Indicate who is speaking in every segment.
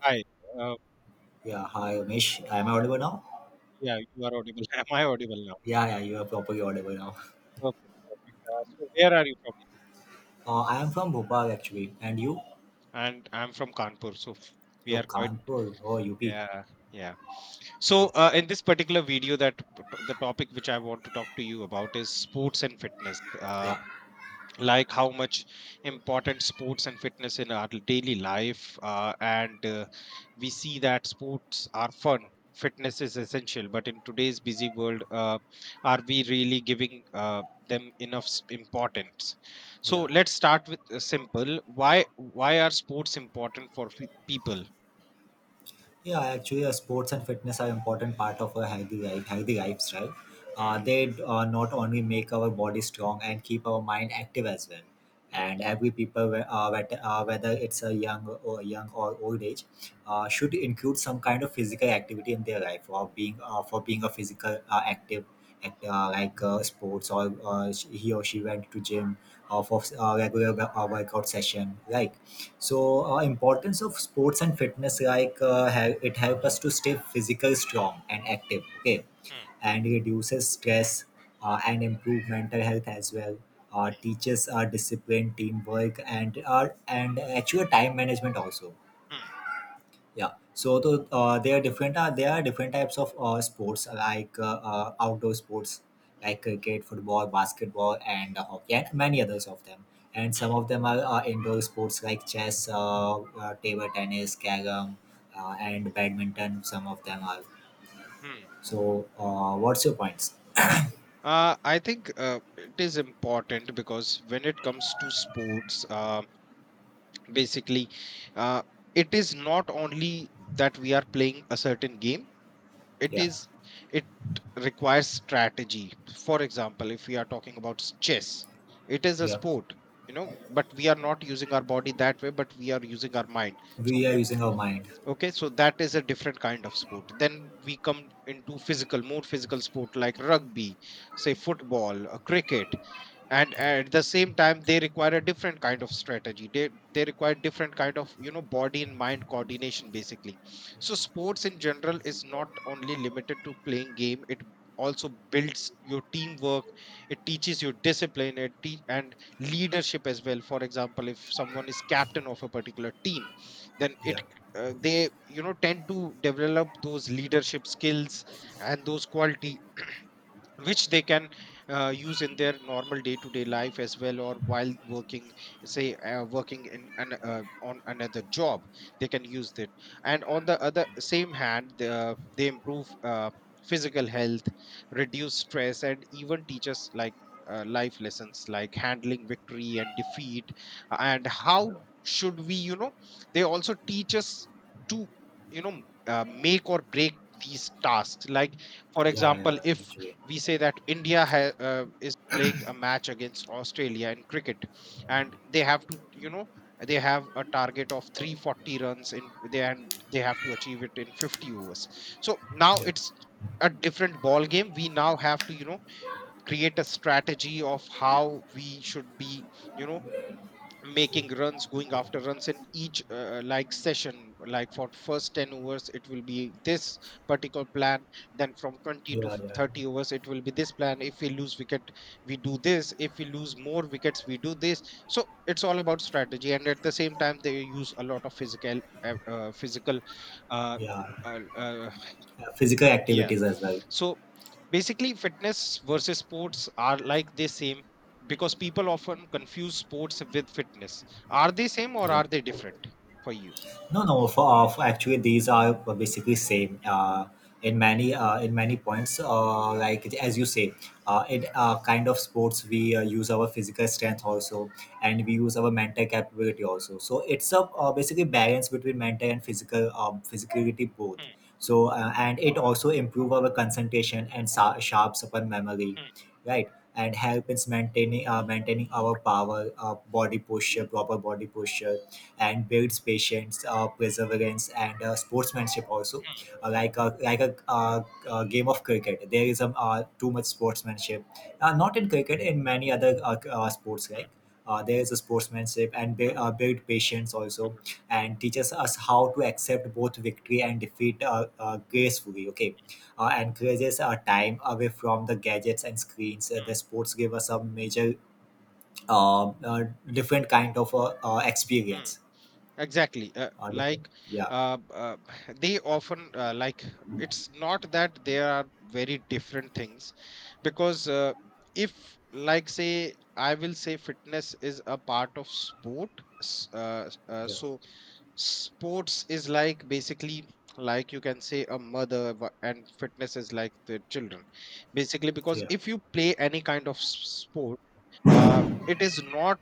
Speaker 1: Hi. Uh,
Speaker 2: Yeah, hi Umesh. I'm audible now.
Speaker 1: yeah, you are audible. Am I audible now?
Speaker 2: Yeah, you are properly audible now.
Speaker 1: Perfect, perfect. So where are you from, Nitish?
Speaker 2: I am from Bhopal actually, and you?
Speaker 1: And I'm from Kanpur, so we
Speaker 2: You're
Speaker 1: are quite.
Speaker 2: Kanpur or UP?
Speaker 1: Yeah, yeah. So in this particular video, the topic which I want to talk to you about is sports and fitness.
Speaker 2: Yeah,
Speaker 1: Like how much important sports and fitness in our daily life, and we see that sports are fun, fitness is essential, but in today's busy world, are we really giving them enough importance. So
Speaker 2: yeah.
Speaker 1: let's start with a simple why are sports important for people.
Speaker 2: Yeah, actually, sports and fitness are important part of a healthy life, healthy lifestyle.
Speaker 1: Hmm,
Speaker 2: They not only make our body strong and keep our mind active as well.
Speaker 1: hmm,
Speaker 2: And every people, whether it's a young or old age, should include some kind of physical activity in their life. Or being for being a physical active, act, like sports, or he or she went to gym, or for regular workout session, like so importance of sports and fitness it helps us to stay physical strong and active, okay,
Speaker 1: hmm,
Speaker 2: and reduces stress and improve mental health as well. Teaches our discipline, teamwork, and our and actual time management also.
Speaker 1: hmm,
Speaker 2: Yeah. So there are different types of sports like outdoor sports like cricket, football, basketball, and hockey, and many others of them. And some
Speaker 1: hmm,
Speaker 2: of them are indoor sports like chess, table tennis, carom, and badminton. Some of them are.
Speaker 1: hmm, hmm.
Speaker 2: So, what's your points?
Speaker 1: I think it is important because when it comes to sports, basically uh, it is not only that we are playing a certain game, it
Speaker 2: Yeah,
Speaker 1: is it requires strategy. For example, if we are talking about chess, it is a
Speaker 2: yeah.
Speaker 1: sport. You know, but we are not using our body that way, but we are using our mind. So
Speaker 2: We are
Speaker 1: it
Speaker 2: using our mind.
Speaker 1: Okay, so that is a different kind of sport. Then we come into physical more physical sport like rugby, say football, cricket. And at the same time they require a different kind of strategy. They require different kind of, body and mind coordination, basically. So sports in general is not only limited to playing game, it also builds your teamwork, it teaches you discipline, and leadership as well. For example, if someone is captain of a particular team, then it
Speaker 2: Yeah,
Speaker 1: they, you know, tend to develop those leadership skills and those qualities, which they can use in their normal day to day life as well, or while working, say working on another job. They can use that. And on the other same hand, they improve physical health, reduce stress, and even teach us, like, life lessons like handling victory and defeat, and
Speaker 2: yeah,
Speaker 1: how should we. They also teach us to, you know make or break these tasks. Like, for
Speaker 2: yeah,
Speaker 1: example,
Speaker 2: yeah.
Speaker 1: if
Speaker 2: Actually,
Speaker 1: we say that India is playing a match against Australia in cricket, and they have to, they have a target of 340 runs, in they and they have to achieve it in 50 overs. So now
Speaker 2: yeah,
Speaker 1: it's a different ball game. We now have to, create a strategy of how we should be, you know, making runs, going after runs in each, like, session. Like, for first 10 overs it will be this particular plan, then from 20 to
Speaker 2: yeah, yeah,
Speaker 1: 30 overs it will be this plan. If we lose wicket we do this, if we lose more wickets we do this. So it's all about strategy, and at the same time they use a lot of physical, uh,
Speaker 2: yeah.
Speaker 1: uh, uh,
Speaker 2: Physical
Speaker 1: yeah.
Speaker 2: activities as well.
Speaker 1: So basically, fitness versus sports are like the same, because people often confuse sports with fitness. Are they same or
Speaker 2: Yeah.
Speaker 1: are they different for you?
Speaker 2: No, no. For, actually, these are basically same in many points. Like as you say, in kind of sports, we use our physical strength also, and we use our mental capability also. So it's a, basically, balance between mental and physical, physicality, both.
Speaker 1: Mm,
Speaker 2: So and it also improve our concentration and sharps upon memory,
Speaker 1: mm,
Speaker 2: right? And help in maintaining our power, body posture, proper body posture, and builds patience, perseverance, and sportsmanship also.
Speaker 1: mm,
Speaker 2: Like a game of cricket, there is a too much sportsmanship. Not in cricket, in many other sports like. There is a sportsmanship and build patience
Speaker 1: mm,
Speaker 2: also,
Speaker 1: mm,
Speaker 2: and teaches us how to accept both victory and defeat, gracefully, okay. Encourages our time away from the gadgets and screens. The sports give us a major, um, uh, different kind of
Speaker 1: mm, mm.
Speaker 2: experience.
Speaker 1: Exactly.
Speaker 2: Wonderful.
Speaker 1: Like,
Speaker 2: Yeah.
Speaker 1: uh, uh, they often, like, it's not that there are very different things, because, if, like, say, I will say fitness is a part of sport.
Speaker 2: Yeah.
Speaker 1: So sports is like, basically, like, you can say a mother, and fitness is like the children, basically. Because
Speaker 2: Yeah.
Speaker 1: if you play any kind of sport, it is not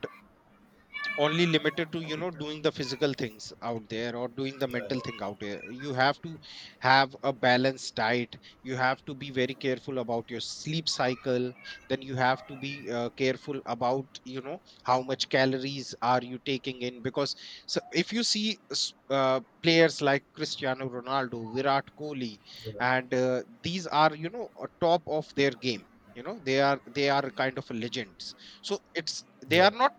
Speaker 1: only limited to, you know, doing the physical things out there or doing the
Speaker 2: Yeah.
Speaker 1: mental thing out there. You have to have a balanced diet, you have to be very careful about your sleep cycle. Then you have to be careful about, how much calories are you taking in. Because, so if you see players like Cristiano Ronaldo, Virat Kohli,
Speaker 2: Yeah.
Speaker 1: and these are, top of their game. They are kind of legends. So it's They
Speaker 2: Yeah.
Speaker 1: are not,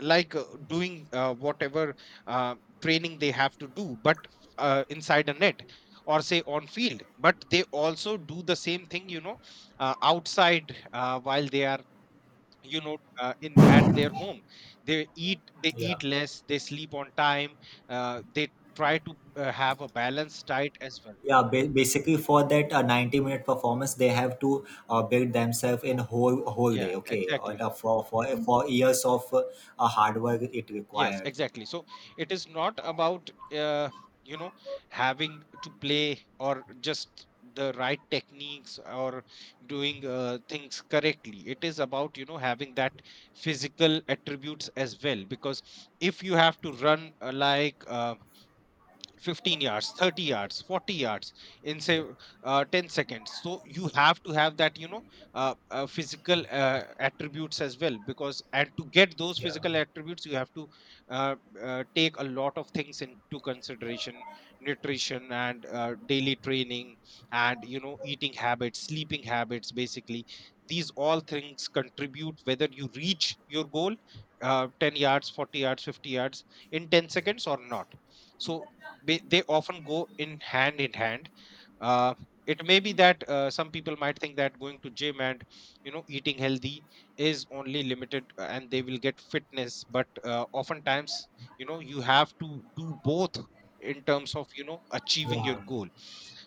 Speaker 1: like, doing, whatever uh, training they have to do, but inside a net, or say, on field. But they also do the same thing, outside, while they are, in at their home. they eat they
Speaker 2: Yeah.
Speaker 1: eat less, they sleep on time. They try to have a balanced diet as well.
Speaker 2: Yeah, basically for that 90-minute performance, they have to build themselves in whole day,
Speaker 1: Yeah,
Speaker 2: okay? Or
Speaker 1: exactly.
Speaker 2: for years of hard work it
Speaker 1: Yes,
Speaker 2: required.
Speaker 1: exactly. So it is not about, uh, you know having to play or just the right techniques or doing things correctly. It is about having that physical attributes as well. Because if you have to run, like, 15 yards, 30 yards, 40 yards in, say, 10 seconds, so you have to have that, physical attributes as well. Because, and to get those physical attributes, you have to uh, take a lot of things into consideration: nutrition and daily training, and, eating habits, sleeping habits, basically. These all things contribute whether you reach your goal, 10 yards, 40 yards, 50 yards in 10 seconds or not. So they often go in hand in hand. uh, it may be that some people might think that going to gym and, eating healthy is only limited, and they will get fitness, but oftentimes, you have to do both in terms of, achieving your
Speaker 2: Yeah.
Speaker 1: goal.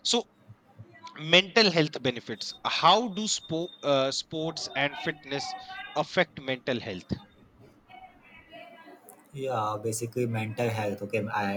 Speaker 1: So, mental health benefits. How do sports and fitness affect mental health?
Speaker 2: Yeah, basically mental health. Okay, I,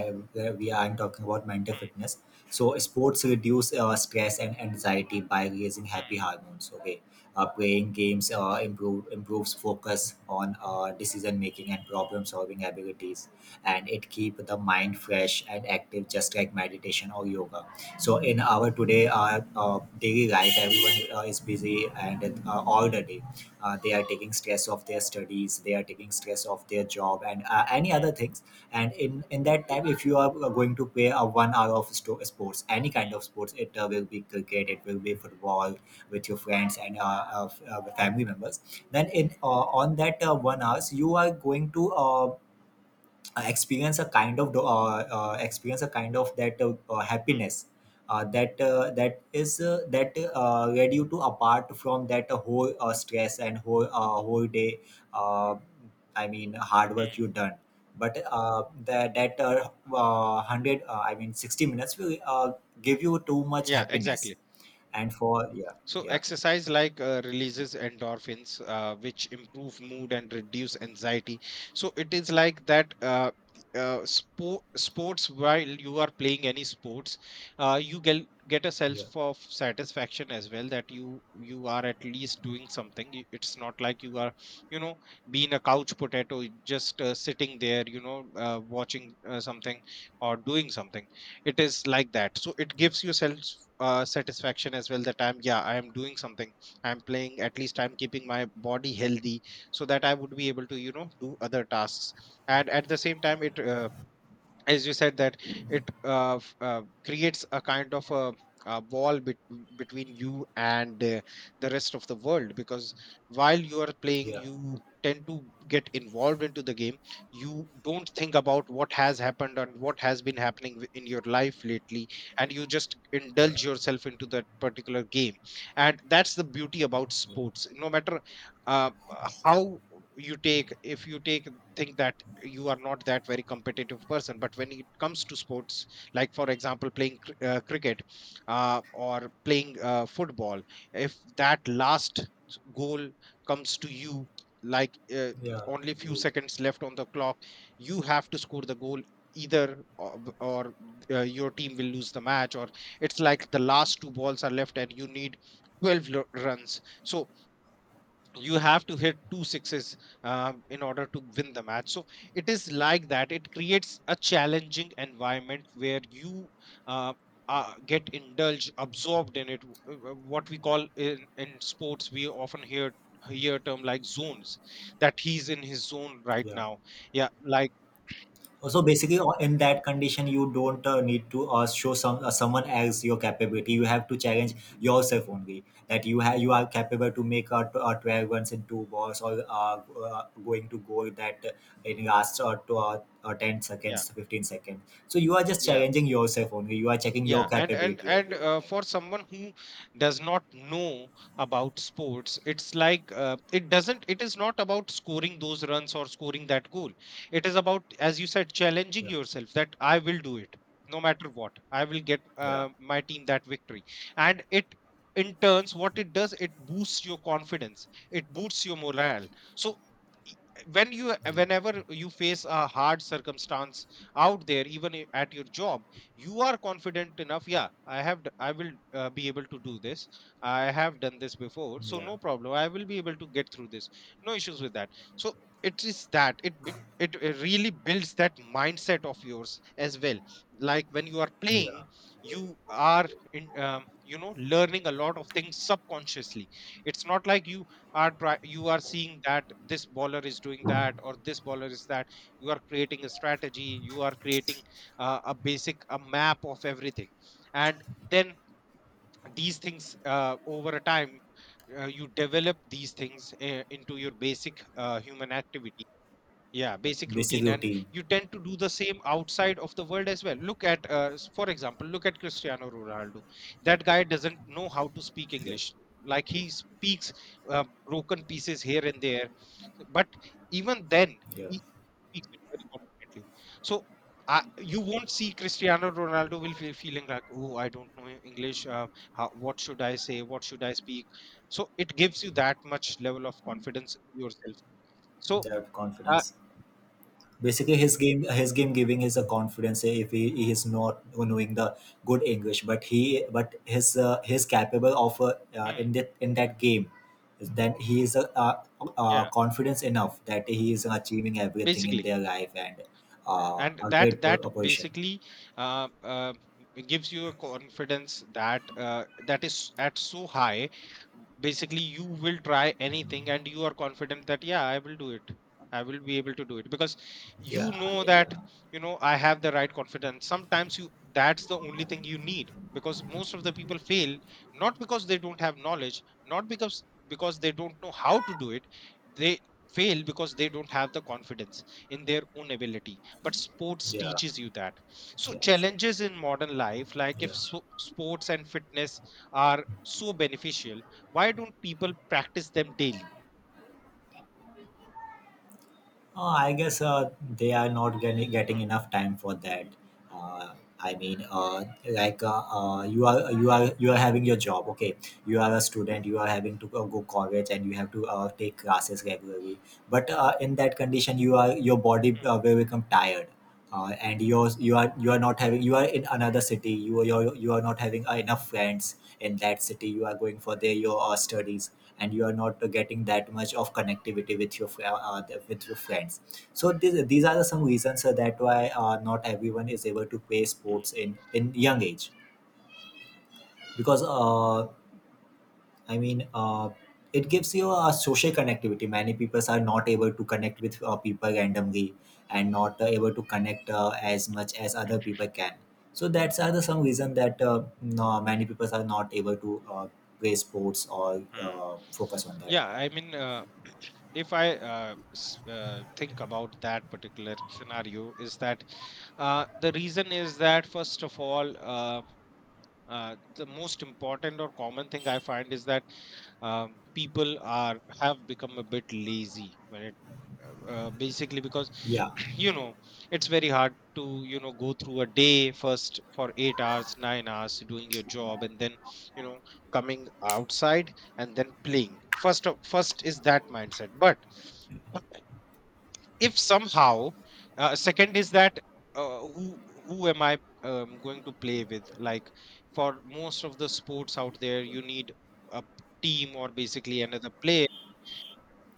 Speaker 2: we aren't talking about mental fitness. So sports reduce stress and anxiety by raising
Speaker 1: Hmm,
Speaker 2: happy hormones. Okay, playing games improves focus on decision making and problem solving abilities, and it keep the mind fresh and active, just like meditation or yoga. So in our today, daily life, everyone is busy, and all the day they are taking stress off their studies, they are taking stress off their job and any other things. And in that time, if you are going to play a 1 hour of sports, any kind of sports, it will be cricket, it will be football, with your friends and family members, then in on that 1 hours, you are going to experience a kind of, experience a kind of that,
Speaker 1: hmm,
Speaker 2: happiness that that is that led you to, apart from that whole stress and whole day, uh, I mean, hard
Speaker 1: hmm,
Speaker 2: work you
Speaker 1: hmm.
Speaker 2: done. But that 100, I mean, 60 minutes will give you too much
Speaker 1: Yeah,
Speaker 2: happiness.
Speaker 1: exactly.
Speaker 2: And for, yeah,
Speaker 1: So
Speaker 2: yeah.
Speaker 1: exercise, like, releases endorphins, which improve mood and reduce anxiety. So it is like that. Sports, while you are playing any sports, you get a sense of satisfaction as well that you are at least doing something. It's not like you are, you know being a couch potato, just sitting there, watching something or doing something. It is like that. So it gives you self satisfaction as well that, I'm yeah, I am doing something, I'm playing, at least I'm keeping my body healthy so that I would be able to, do other tasks. And at the same time it, as you said, that it, creates a kind of a wall, between you and, the rest of the world. Because while you are playing, you tend to get involved into the game. You don't think about what has happened and what has been happening in your life lately, and you just indulge yourself into that particular game. And that's the beauty about sports. No matter, uh, how you take, if you take, think that you are not that very competitive person, but when it comes to sports, like for example playing cricket, or playing football, if that last goal comes to you, like, only few seconds left on the clock, you have to score the goal, either or your team will lose the match, or it's like the last two balls are left and you need 12 runs, so you have to hit two sixes in order to win the match. So it is like that, it creates a challenging environment where you uh, get indulged, absorbed in it. What we call in sports, we often hear term like zones, that he's in his zone right now. Yeah, like,
Speaker 2: So basically, in that condition, you don't need to show some, someone else, your capability. You have to challenge yourself only, that you have, you are capable to make a 12 runs in two balls, or going to goal, that in last to ten
Speaker 1: yeah,
Speaker 2: seconds, 15 seconds. So you are just
Speaker 1: yeah.
Speaker 2: challenging yourself only. You are checking your
Speaker 1: Yeah, and and
Speaker 2: capability
Speaker 1: and
Speaker 2: only that
Speaker 1: uh,
Speaker 2: time.
Speaker 1: for someone who does not know about sports, it's like, it doesn't. It is not about scoring those runs or scoring that goal. It is about, as you said, challenging yourself that I will do it, no matter what. I will get
Speaker 2: Yeah,
Speaker 1: my team that victory, and it in turns what it does, it boosts your confidence, it boosts your morale. So i- whenever you face a hard circumstance out there, even at your job, you are confident enough. Yeah, I will be able to do this. I have done this before, so no problem, I will be able to get through this. No issues with that. So it is that, it really builds that mindset of yours as well. Like when you are playing, you are in you know learning a lot of things subconsciously. It's not like you you are seeing that this baller is doing that or this baller is that. You are creating a strategy, you are creating a map of everything, and then these things, over a time, you develop these things into your basic human activity. Yeah, basic
Speaker 2: basic
Speaker 1: routine, and
Speaker 2: routine,
Speaker 1: you tend to do the same outside of the world as well. Look at for example, look at Cristiano Ronaldo. That guy doesn't know how to speak English. Like, he speaks broken pieces here and there, but even then, he speaks it very confidently. So, you won't see Cristiano Ronaldo will feeling like, oh, I don't know English. How, what should I say? What should I speak? So it gives you that much level of confidence in yourself. So,
Speaker 2: that
Speaker 1: uh,
Speaker 2: confidence. Basically his game, his game giving is a confidence, eh, if he, he is not knowing the good english, but he, but his he's capable of
Speaker 1: mm,
Speaker 2: in that game, then he is
Speaker 1: yeah,
Speaker 2: confidence enough, that he is achieving everything in
Speaker 1: basically.
Speaker 2: their life, and
Speaker 1: And
Speaker 2: a
Speaker 1: that
Speaker 2: great
Speaker 1: that
Speaker 2: a position.
Speaker 1: basically uh, uh, gives you a confidence that, that is at so high. Basically, you will try anything, and you are confident that, yeah, I will do it, I will be able to do it, because you
Speaker 2: yeah
Speaker 1: know
Speaker 2: I,
Speaker 1: that,
Speaker 2: yeah
Speaker 1: you know, I have the right confidence. Sometimes you that's the only thing you need, because most of the people fail, not because they don't have knowledge, not because they don't know how to do it. They fail because they don't have the confidence in their own ability. But sports
Speaker 2: Yeah.
Speaker 1: teaches you that. So,
Speaker 2: Yeah, sure.
Speaker 1: challenges in modern life, like if so, sports and fitness are so beneficial, why don't people practice them daily?
Speaker 2: I guess they are not getting
Speaker 1: Hmm.
Speaker 2: enough time for that. I mean, like you are,
Speaker 1: Hmm.
Speaker 2: you are having your job. Okay, you are a student. You are having to go college, and you have to take classes regularly. But in that condition, you are, your body
Speaker 1: Hmm.
Speaker 2: will become tired. And your, you are, you are not having, you are in another city, you are, you are not having enough friends in that city, you are going for their, your studies, and you are not getting that much of connectivity with your with your friends. So these are the some reasons that why not everyone is able to play
Speaker 1: Hmm.
Speaker 2: sports in young age. Because I mean, it gives you a social connectivity, many people are not able to connect with people randomly, and not able to connect as much as other people can. So that's are the some reason that no, many people are not able to play sports or
Speaker 1: Hmm.
Speaker 2: focus on that.
Speaker 1: Yeah, I mean, if I, think about that particular scenario, is that, the reason is that, first of all, the most important or common thing I find is that, people are have become a bit lazy when it, basically because
Speaker 2: Yeah.
Speaker 1: you know it's very hard to go through a day, first for 8 hours, 9 hours doing your job, and then, you know coming outside and then playing. First is that mindset. But if somehow, second is that, uh, who who am I going to play with? Like, for most of the sports out there, you need a p- team or basically another player.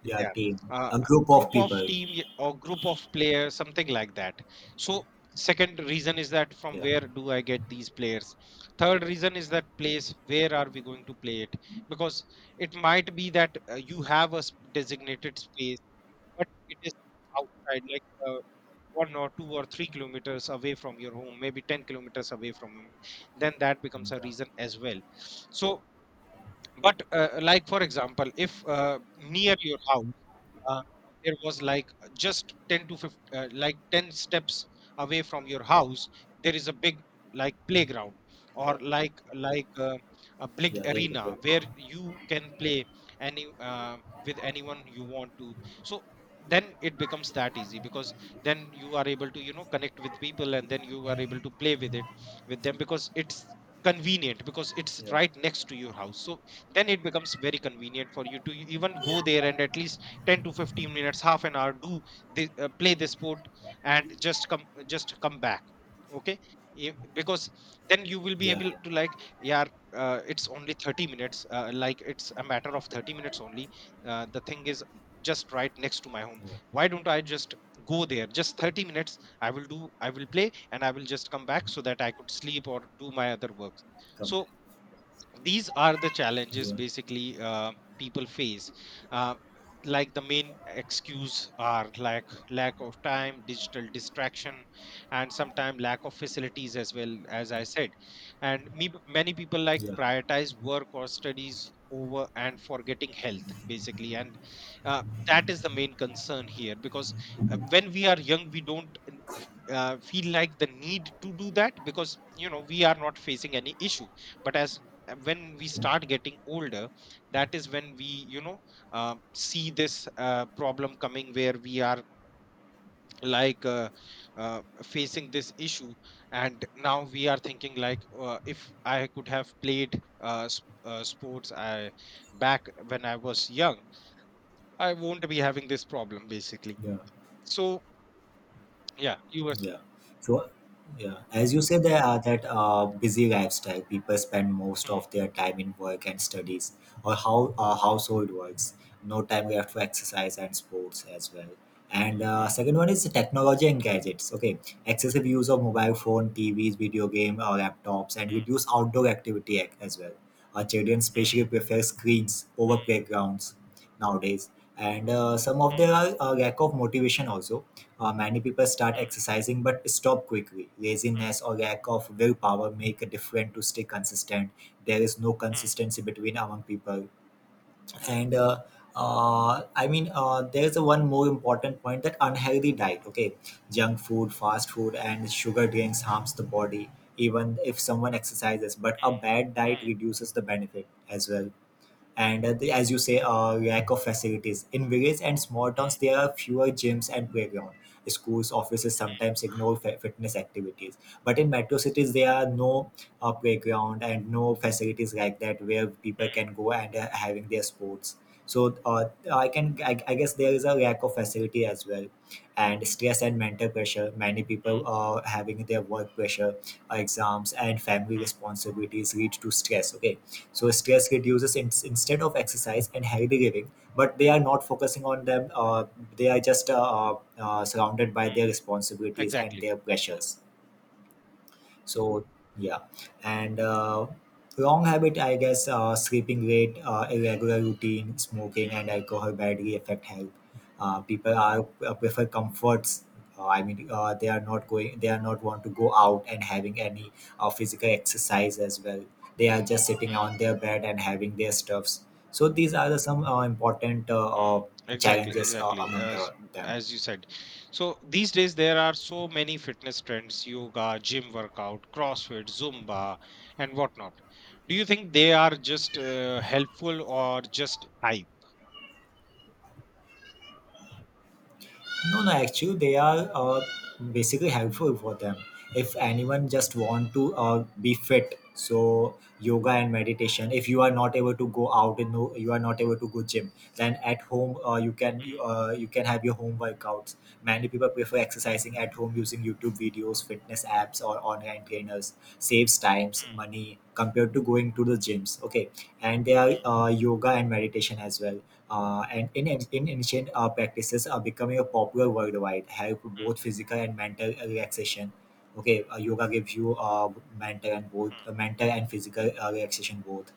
Speaker 2: Yeah,
Speaker 1: Yeah,
Speaker 2: team. A group of
Speaker 1: group of
Speaker 2: people.
Speaker 1: team y- or group of players, something like that. So, second reason is that, from
Speaker 2: Yeah.
Speaker 1: where do I get these players? Third reason is that place, where are we going to play it? Because it might be that, you have designated space, but it is outside, like, 1 or 2 or 3 kilometers away from your home, maybe 10 kilometers away from home. Then that becomes a
Speaker 2: Yeah.
Speaker 1: reason as well. So, but like for example, if near your house, uh, there was like just 10 to 15, like 10 steps away from your house, there is a big, like, playground, or like a big
Speaker 2: Yeah, there is a
Speaker 1: arena
Speaker 2: group.
Speaker 1: where you can play any with anyone you want to. So then it becomes that easy, because then you are able to connect with people, and then you are able to play with them, because it's convenient, because it's
Speaker 2: Yeah.
Speaker 1: right next to your house. So then it becomes very convenient for you to even go there and at least 10 to 15 minutes, half an hour, play the sport, and just come back. Okay. Because then you will be
Speaker 2: Yeah,
Speaker 1: able
Speaker 2: yeah.
Speaker 1: to, like, yeah, it's only 30 minutes, like it's a matter of 30 minutes only. The thing is, just right next to my home, why don't I just go there, just 30 minutes, i will do I will play, and I will just come back, so that I could sleep or do my other work.
Speaker 2: Come back.
Speaker 1: So these are the challenges, basically, people face. uh, like, the main excuse are like lack of time, digital distraction, and sometimes lack of facilities, as well, as I said. And, many people like prioritize work or studies over, and forgetting health, basically. And uh, that is the main concern here, because when we are young, we don't feel like the need to do that, because, you know, we are not facing any issue. But as when we start getting older, that is when we, you know, see this problem coming, where we are, like uh, facing this issue, and now we are thinking, like, if I could have played sports, I back when I was young, I won't be having this problem, basically. So, yeah, you were.
Speaker 2: Yeah. So, yeah, as you say, there are that busy lifestyle. People spend most of their time in work and studies, or how, household works. No time left for exercise and sports as well. And
Speaker 1: Mm.
Speaker 2: second one is the technology and gadgets. Okay, excessive use of mobile phone, TVs, video game, or laptops, and
Speaker 1: Mm.
Speaker 2: reduce outdoor activity as well. Our children especially
Speaker 1: Mm.
Speaker 2: prefer screens over
Speaker 1: Mm.
Speaker 2: playgrounds nowadays, and some of their
Speaker 1: Mm.
Speaker 2: lack of motivation also. Many people start
Speaker 1: Mm.
Speaker 2: exercising but stop quickly.
Speaker 1: Mm.
Speaker 2: Laziness or lack of willpower make a difference to stay consistent. There is no
Speaker 1: Mm.
Speaker 2: consistency between, among people. And I mean, there is a one more important point, that unhealthy diet. Okay, junk food, fast food, and sugar drinks harms the body even if someone exercises. But a bad
Speaker 1: Mm.
Speaker 2: diet
Speaker 1: Mm.
Speaker 2: reduces the benefit as well. And as you say, lack of facilities in villages and small towns,
Speaker 1: Mm.
Speaker 2: there are fewer gyms and playground, schools, offices sometimes ignore fitness activities. But in metro cities there are no playground and no facilities like that where people can go and having their sports. So I guess there is a lack of facility as well. And stress and mental pressure, many
Speaker 1: Mm.
Speaker 2: people are having their work pressure, exams, and family
Speaker 1: Mm.
Speaker 2: responsibilities lead to stress, okay. So stress reduces in, instead of exercise and healthy living, but they are not focusing on them. They are just surrounded by their
Speaker 1: Mm.
Speaker 2: responsibilities and
Speaker 1: Exactly.
Speaker 2: their pressures. So yeah. And wrong habit, I guess, sleeping late, irregular routine, smoking and alcohol badly affect health. People are prefer comforts. I mean, they are not going, they are not want to go out and having any physical exercise as well. They are just sitting on their bed and having their stuffs. So these are the some important
Speaker 1: Mm. Exactly,
Speaker 2: challenges
Speaker 1: exactly.
Speaker 2: among the,
Speaker 1: As
Speaker 2: them.
Speaker 1: as you said, so these days there are so many fitness trends: yoga, gym workout, CrossFit, Zumba, and whatnot. Do you think they are just helpful or just hype?
Speaker 2: No, no, actually, they are basically helpful for them. If anyone just want to be fit, so yoga and meditation. If you are not able to go out and no, you are not able to go gym, then at home you can, you can have your home workouts. Many people prefer exercising at home using YouTube videos, fitness apps, or online trainers. Saves times,
Speaker 1: Mm.
Speaker 2: money compared to going to the gyms. Okay, and there
Speaker 1: Mm.
Speaker 2: are yoga and meditation as well. And in ancient practices are becoming a popular worldwide, help both physical and mental relaxation. Okay, yoga gives you
Speaker 1: Mm. Mm.
Speaker 2: mental and physical relaxation both.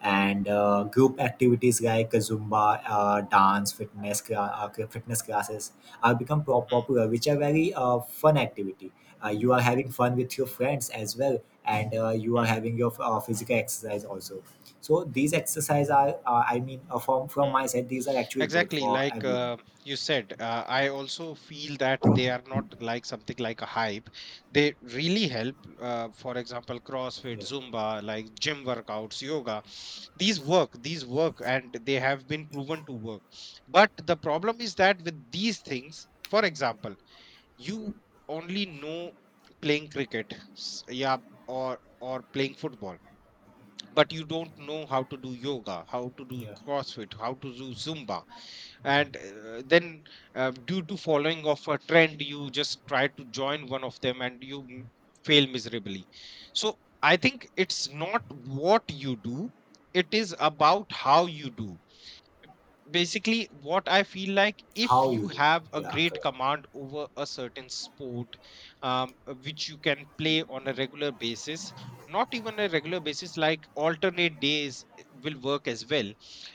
Speaker 2: And group activities like zumba, dance fitness cla- cl- fitness classes are popular, which are very fun activity. You are having fun with your friends as well, and you are having your physical exercise also. So these exercise are from
Speaker 1: Mm.
Speaker 2: from my
Speaker 1: Mm.
Speaker 2: side, these are actually good
Speaker 1: Exactly,
Speaker 2: for
Speaker 1: like,
Speaker 2: everyone.
Speaker 1: you said, I also feel that they are not like something like a hype. They really help. For example, CrossFit, Zumba, like gym workouts, yoga, these work and they have been proven to work. But the problem is that, with these things, for example, you only know playing cricket, yeah, or playing football, but you don't know how to do yoga, how to do CrossFit, how to do Zumba. And then, due to following of a trend, you just try to join one of them and you fail miserably. So I think it's not what you do, it is about how you do, basically. What I feel like, if
Speaker 2: How you
Speaker 1: you
Speaker 2: do.
Speaker 1: have a
Speaker 2: Yeah.
Speaker 1: great command over a certain sport, which you can play on a regular basis, not even a regular basis, like alternate days will work as well.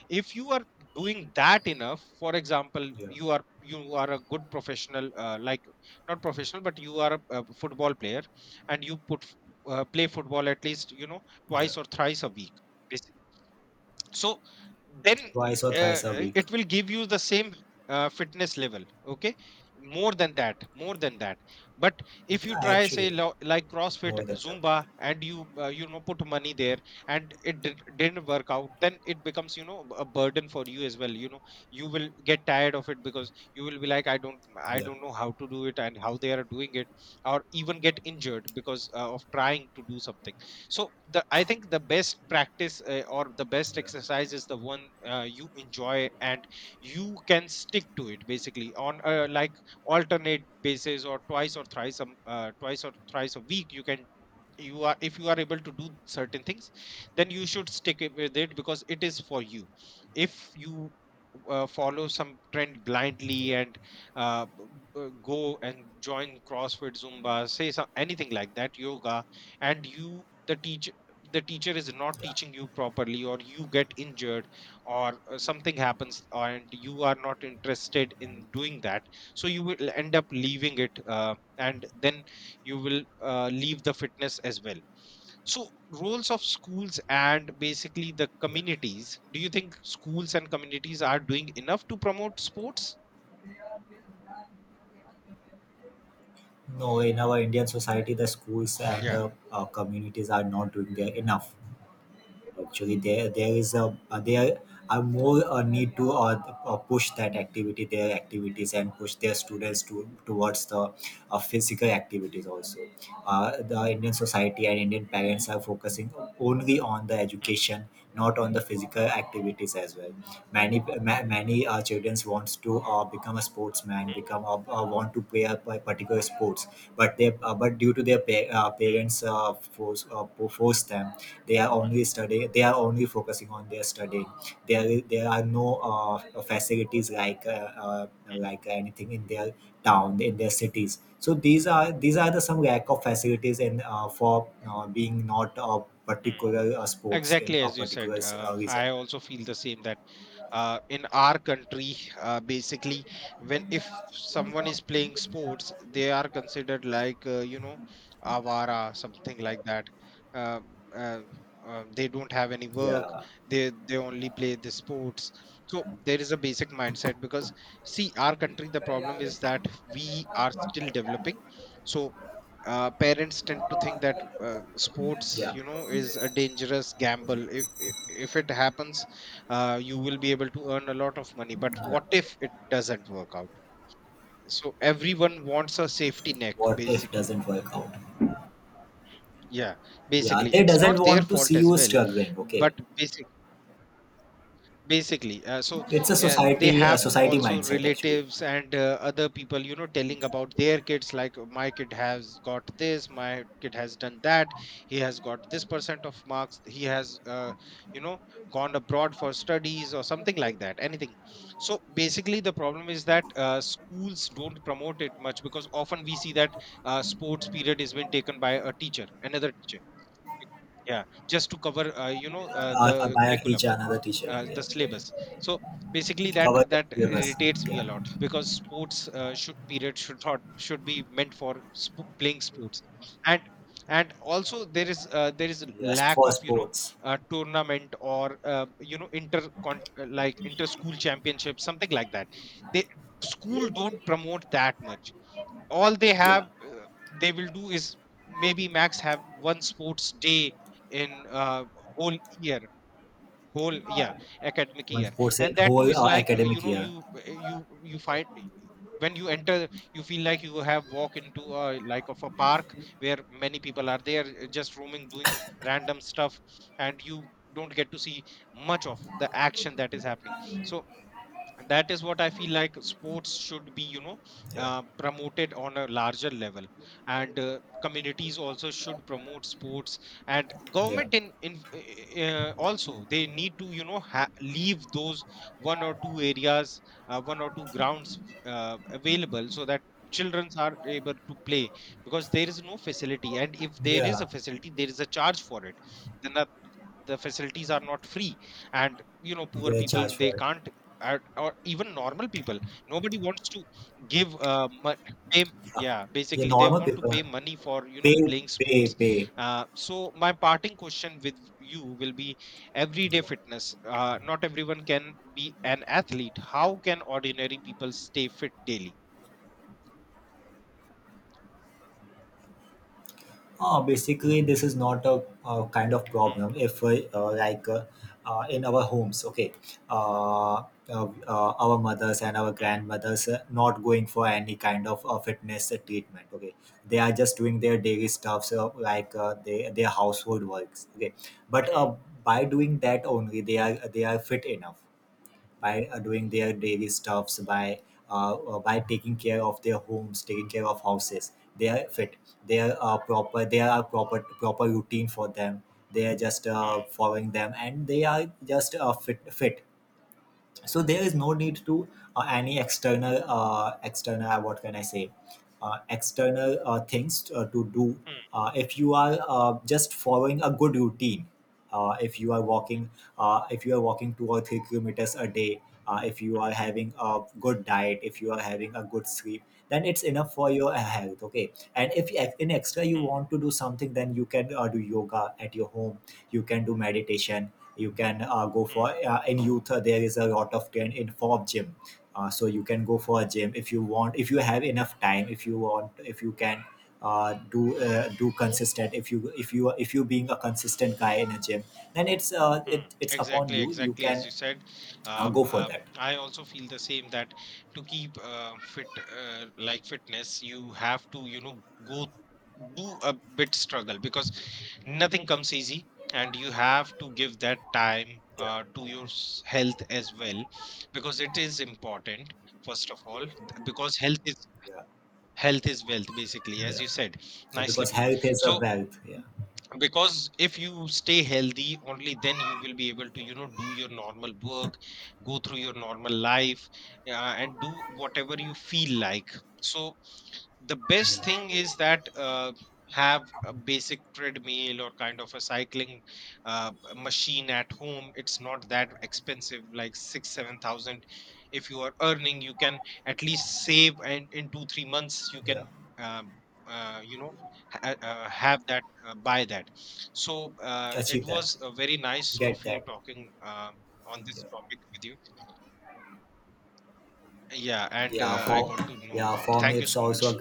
Speaker 1: If you are doing that enough, for example, you are, a good professional, like, not professional, but you are, a football player, and you play football at least, you know, twice or thrice a week. So then,
Speaker 2: Twice or thrice a week.
Speaker 1: it will give you the same, fitness level. Okay, more than that, more than that. But if you
Speaker 2: Yeah,
Speaker 1: try, say,
Speaker 2: actually
Speaker 1: like, CrossFit,
Speaker 2: more than that.
Speaker 1: Zumba, and you, you know put money there, and it, didn't work out, then it becomes, you know, a burden for you as well, you know. You will get tired of it, because you will be like, I don't know how to do it and how they are doing it, or even get injured, because of trying to do something. So, the I think the best practice, or the best exercise is the one you enjoy, and you can stick to it, basically, on a, like, alternate basis or twice or thrice a week. You can, you are if you are able to do certain things, then you should stick it with it, because it is for you. If you follow some trend blindly, and uh, b- go and join CrossFit, Zumba, say some, anything like that, yoga, and you the teacher is not teaching you properly, or you get injured, or something happens and you are not interested in doing that, so you will end up leaving it, and then you will leave the fitness as well. So, roles of schools and basically the communities, do you think schools and communities are doing enough to promote sports?
Speaker 2: No, in our Indian society, the schools and
Speaker 1: Yeah.
Speaker 2: the communities are not doing their enough. Actually, there is a there are more a need to push that activity, their activities, and push their students to towards the physical activities also. The Indian society and Indian parents are focusing only on the
Speaker 1: Mm.
Speaker 2: education, not on the physical activities as well. Many many children wants to become a sportsman,
Speaker 1: Mm.
Speaker 2: become a, want to play a by particular sports, but they but due to their parents force them. They are only studying, they are only focusing on their studying. There are no facilities uh,
Speaker 1: Mm.
Speaker 2: like anything in their town, in their cities. So these are the some lack of facilities and for being not a
Speaker 1: Mm.
Speaker 2: particular sports in
Speaker 1: Exactly,
Speaker 2: a
Speaker 1: as you
Speaker 2: particular
Speaker 1: said,
Speaker 2: reason.
Speaker 1: I also feel the same, that in our country, basically, when if someone is playing sports, they are considered like, you know, avara, something like that, uh, uh, they don't have any work,
Speaker 2: Yeah.
Speaker 1: they only play the sports. So there is a basic mindset, because, see, our country, the problem is that, we are still developing. So parents tend to think that, sports,
Speaker 2: Yeah.
Speaker 1: you know, is a dangerous gamble. If it happens, you will be able to earn a lot of money. But what
Speaker 2: Yeah.
Speaker 1: if it doesn't work out? So everyone wants a safety net,
Speaker 2: What if
Speaker 1: basically.
Speaker 2: doesn't work out.
Speaker 1: Yeah,
Speaker 2: Yeah,
Speaker 1: basically,
Speaker 2: they
Speaker 1: it's
Speaker 2: doesn't
Speaker 1: not their
Speaker 2: want to
Speaker 1: fault
Speaker 2: see
Speaker 1: as
Speaker 2: you
Speaker 1: well,
Speaker 2: struggling, okay.
Speaker 1: but, basically. Basically, so,
Speaker 2: It's a
Speaker 1: they
Speaker 2: society, a
Speaker 1: have
Speaker 2: society
Speaker 1: also
Speaker 2: mindset actually.
Speaker 1: relatives and other people, you know, telling about their kids, like, "Oh, my kid has got this, my kid has done that, he has got this percent of marks, he has, you know, gone abroad for studies or something like that, anything." So basically, the problem is that, schools don't promote it much, because often we see that, sports period is been taken by a teacher, another teacher. Yeah, just to cover, you know, the
Speaker 2: By a
Speaker 1: curriculum,
Speaker 2: teacher, another teacher. Yeah,
Speaker 1: the syllabus. So basically, that
Speaker 2: cover the
Speaker 1: that
Speaker 2: syllabus.
Speaker 1: irritates me a
Speaker 2: Yeah,
Speaker 1: lot, because sports should period should not should be meant for playing sports. And also there is, there is
Speaker 2: yes
Speaker 1: lack
Speaker 2: for
Speaker 1: of, you know,
Speaker 2: sports.
Speaker 1: tournament or, you know, like, inter school championship, something like that. They, school don't promote that much. All they
Speaker 2: Yeah,
Speaker 1: have They will do is, maybe max, have one sports day in, whole year, whole, yeah, academic
Speaker 2: one
Speaker 1: year.
Speaker 2: sports in
Speaker 1: And that too
Speaker 2: whole
Speaker 1: is like, you
Speaker 2: academic
Speaker 1: know,
Speaker 2: year.
Speaker 1: you, you find, when you enter, you feel like you have walk into a like of a park where many people are there, just roaming, doing random stuff, and you don't get to see much of the action that is happening. So, and that is what I feel like, sports should be, you know, promoted on a larger level. And communities also should promote sports, and
Speaker 2: Yeah,
Speaker 1: government, in also, they need to, you know, leave those one or two areas, one or two grounds, available, so that children are able to play, because there is no facility. And if there is
Speaker 2: yeah,
Speaker 1: a facility, there is a charge for it. Then the, facilities are not free, and, you know, poor
Speaker 2: they
Speaker 1: people,
Speaker 2: charge
Speaker 1: they
Speaker 2: for it.
Speaker 1: can't, or even normal people. Nobody wants to give, pay. Yeah,
Speaker 2: Yeah,
Speaker 1: basically, they
Speaker 2: normal
Speaker 1: want to
Speaker 2: people
Speaker 1: pay money for, you know,
Speaker 2: pay
Speaker 1: playing
Speaker 2: pay
Speaker 1: sports.
Speaker 2: pay.
Speaker 1: So my parting question with you will be, everyday
Speaker 2: Yeah.
Speaker 1: fitness. Not everyone can be an athlete. How can ordinary people stay fit daily?
Speaker 2: Basically, this is not a, kind of
Speaker 1: Hmm.
Speaker 2: problem if, in our homes, okay, uh, uh, our mothers and our
Speaker 1: Hmm.
Speaker 2: grandmothers not going for any kind of fitness treatment, okay. They are just doing their daily stuffs, like they, their household works, okay. But
Speaker 1: Hmm.
Speaker 2: by doing that only, they are fit enough by doing their daily stuffs by taking care of their homes, taking care of houses. They are fit, they are proper, they are proper routine for them. They are just
Speaker 1: Hmm.
Speaker 2: following them, and they are just fit. So there is no need to any external external what can I say, external things to do.
Speaker 1: Hmm.
Speaker 2: If you are just following a good routine, if you are
Speaker 1: Hmm.
Speaker 2: walking, if you are walking 2 or 3 kilometers a day, if you are having a good diet, if you are having a good sleep, then it's enough for your health, okay. And if ex- in extra you want
Speaker 1: Hmm.
Speaker 2: to do something, then you can do yoga at your home, you can do meditation, you can go for in youth there is a lot of trend in form gym. So you can go for a gym if you want, if you have enough time, if you want, if you can do consistent, if you being a consistent guy in a gym, then it's
Speaker 1: Hmm.
Speaker 2: it's upon
Speaker 1: Exactly,
Speaker 2: you. You
Speaker 1: exactly. As
Speaker 2: can
Speaker 1: you said,
Speaker 2: go for that.
Speaker 1: I also feel the same, that to keep fit, like, fitness, you have to, you know, go do a bit struggle, because nothing comes easy, and you have to give that time
Speaker 2: Yeah.
Speaker 1: to your health as well, because it is important, first of all, because
Speaker 2: Yeah.
Speaker 1: health is wealth, basically, as
Speaker 2: Yeah.
Speaker 1: you said,
Speaker 2: Yeah,
Speaker 1: nicely
Speaker 2: because
Speaker 1: put.
Speaker 2: health is a
Speaker 1: So,
Speaker 2: wealth, yeah.
Speaker 1: because if you stay healthy, only then you will be able to, you know, do your normal work, go through your normal life, and do whatever you feel like. So the best thing is that, have a basic treadmill or kind of a cycling, machine at home. It's not that expensive, like 6-7 thousand. If you are earning, you can at least save, and in 2-3 months, you
Speaker 2: Yeah.
Speaker 1: can, um, you know, have that buy that. So it
Speaker 2: Achieve that,
Speaker 1: was, very nice of
Speaker 2: get
Speaker 1: you
Speaker 2: that.
Speaker 1: talking, on this topic with you. Yeah, and
Speaker 2: Yeah
Speaker 1: I
Speaker 2: for,
Speaker 1: got to know
Speaker 2: yeah
Speaker 1: about,
Speaker 2: for me
Speaker 1: thank you
Speaker 2: it's
Speaker 1: so
Speaker 2: also a
Speaker 1: much.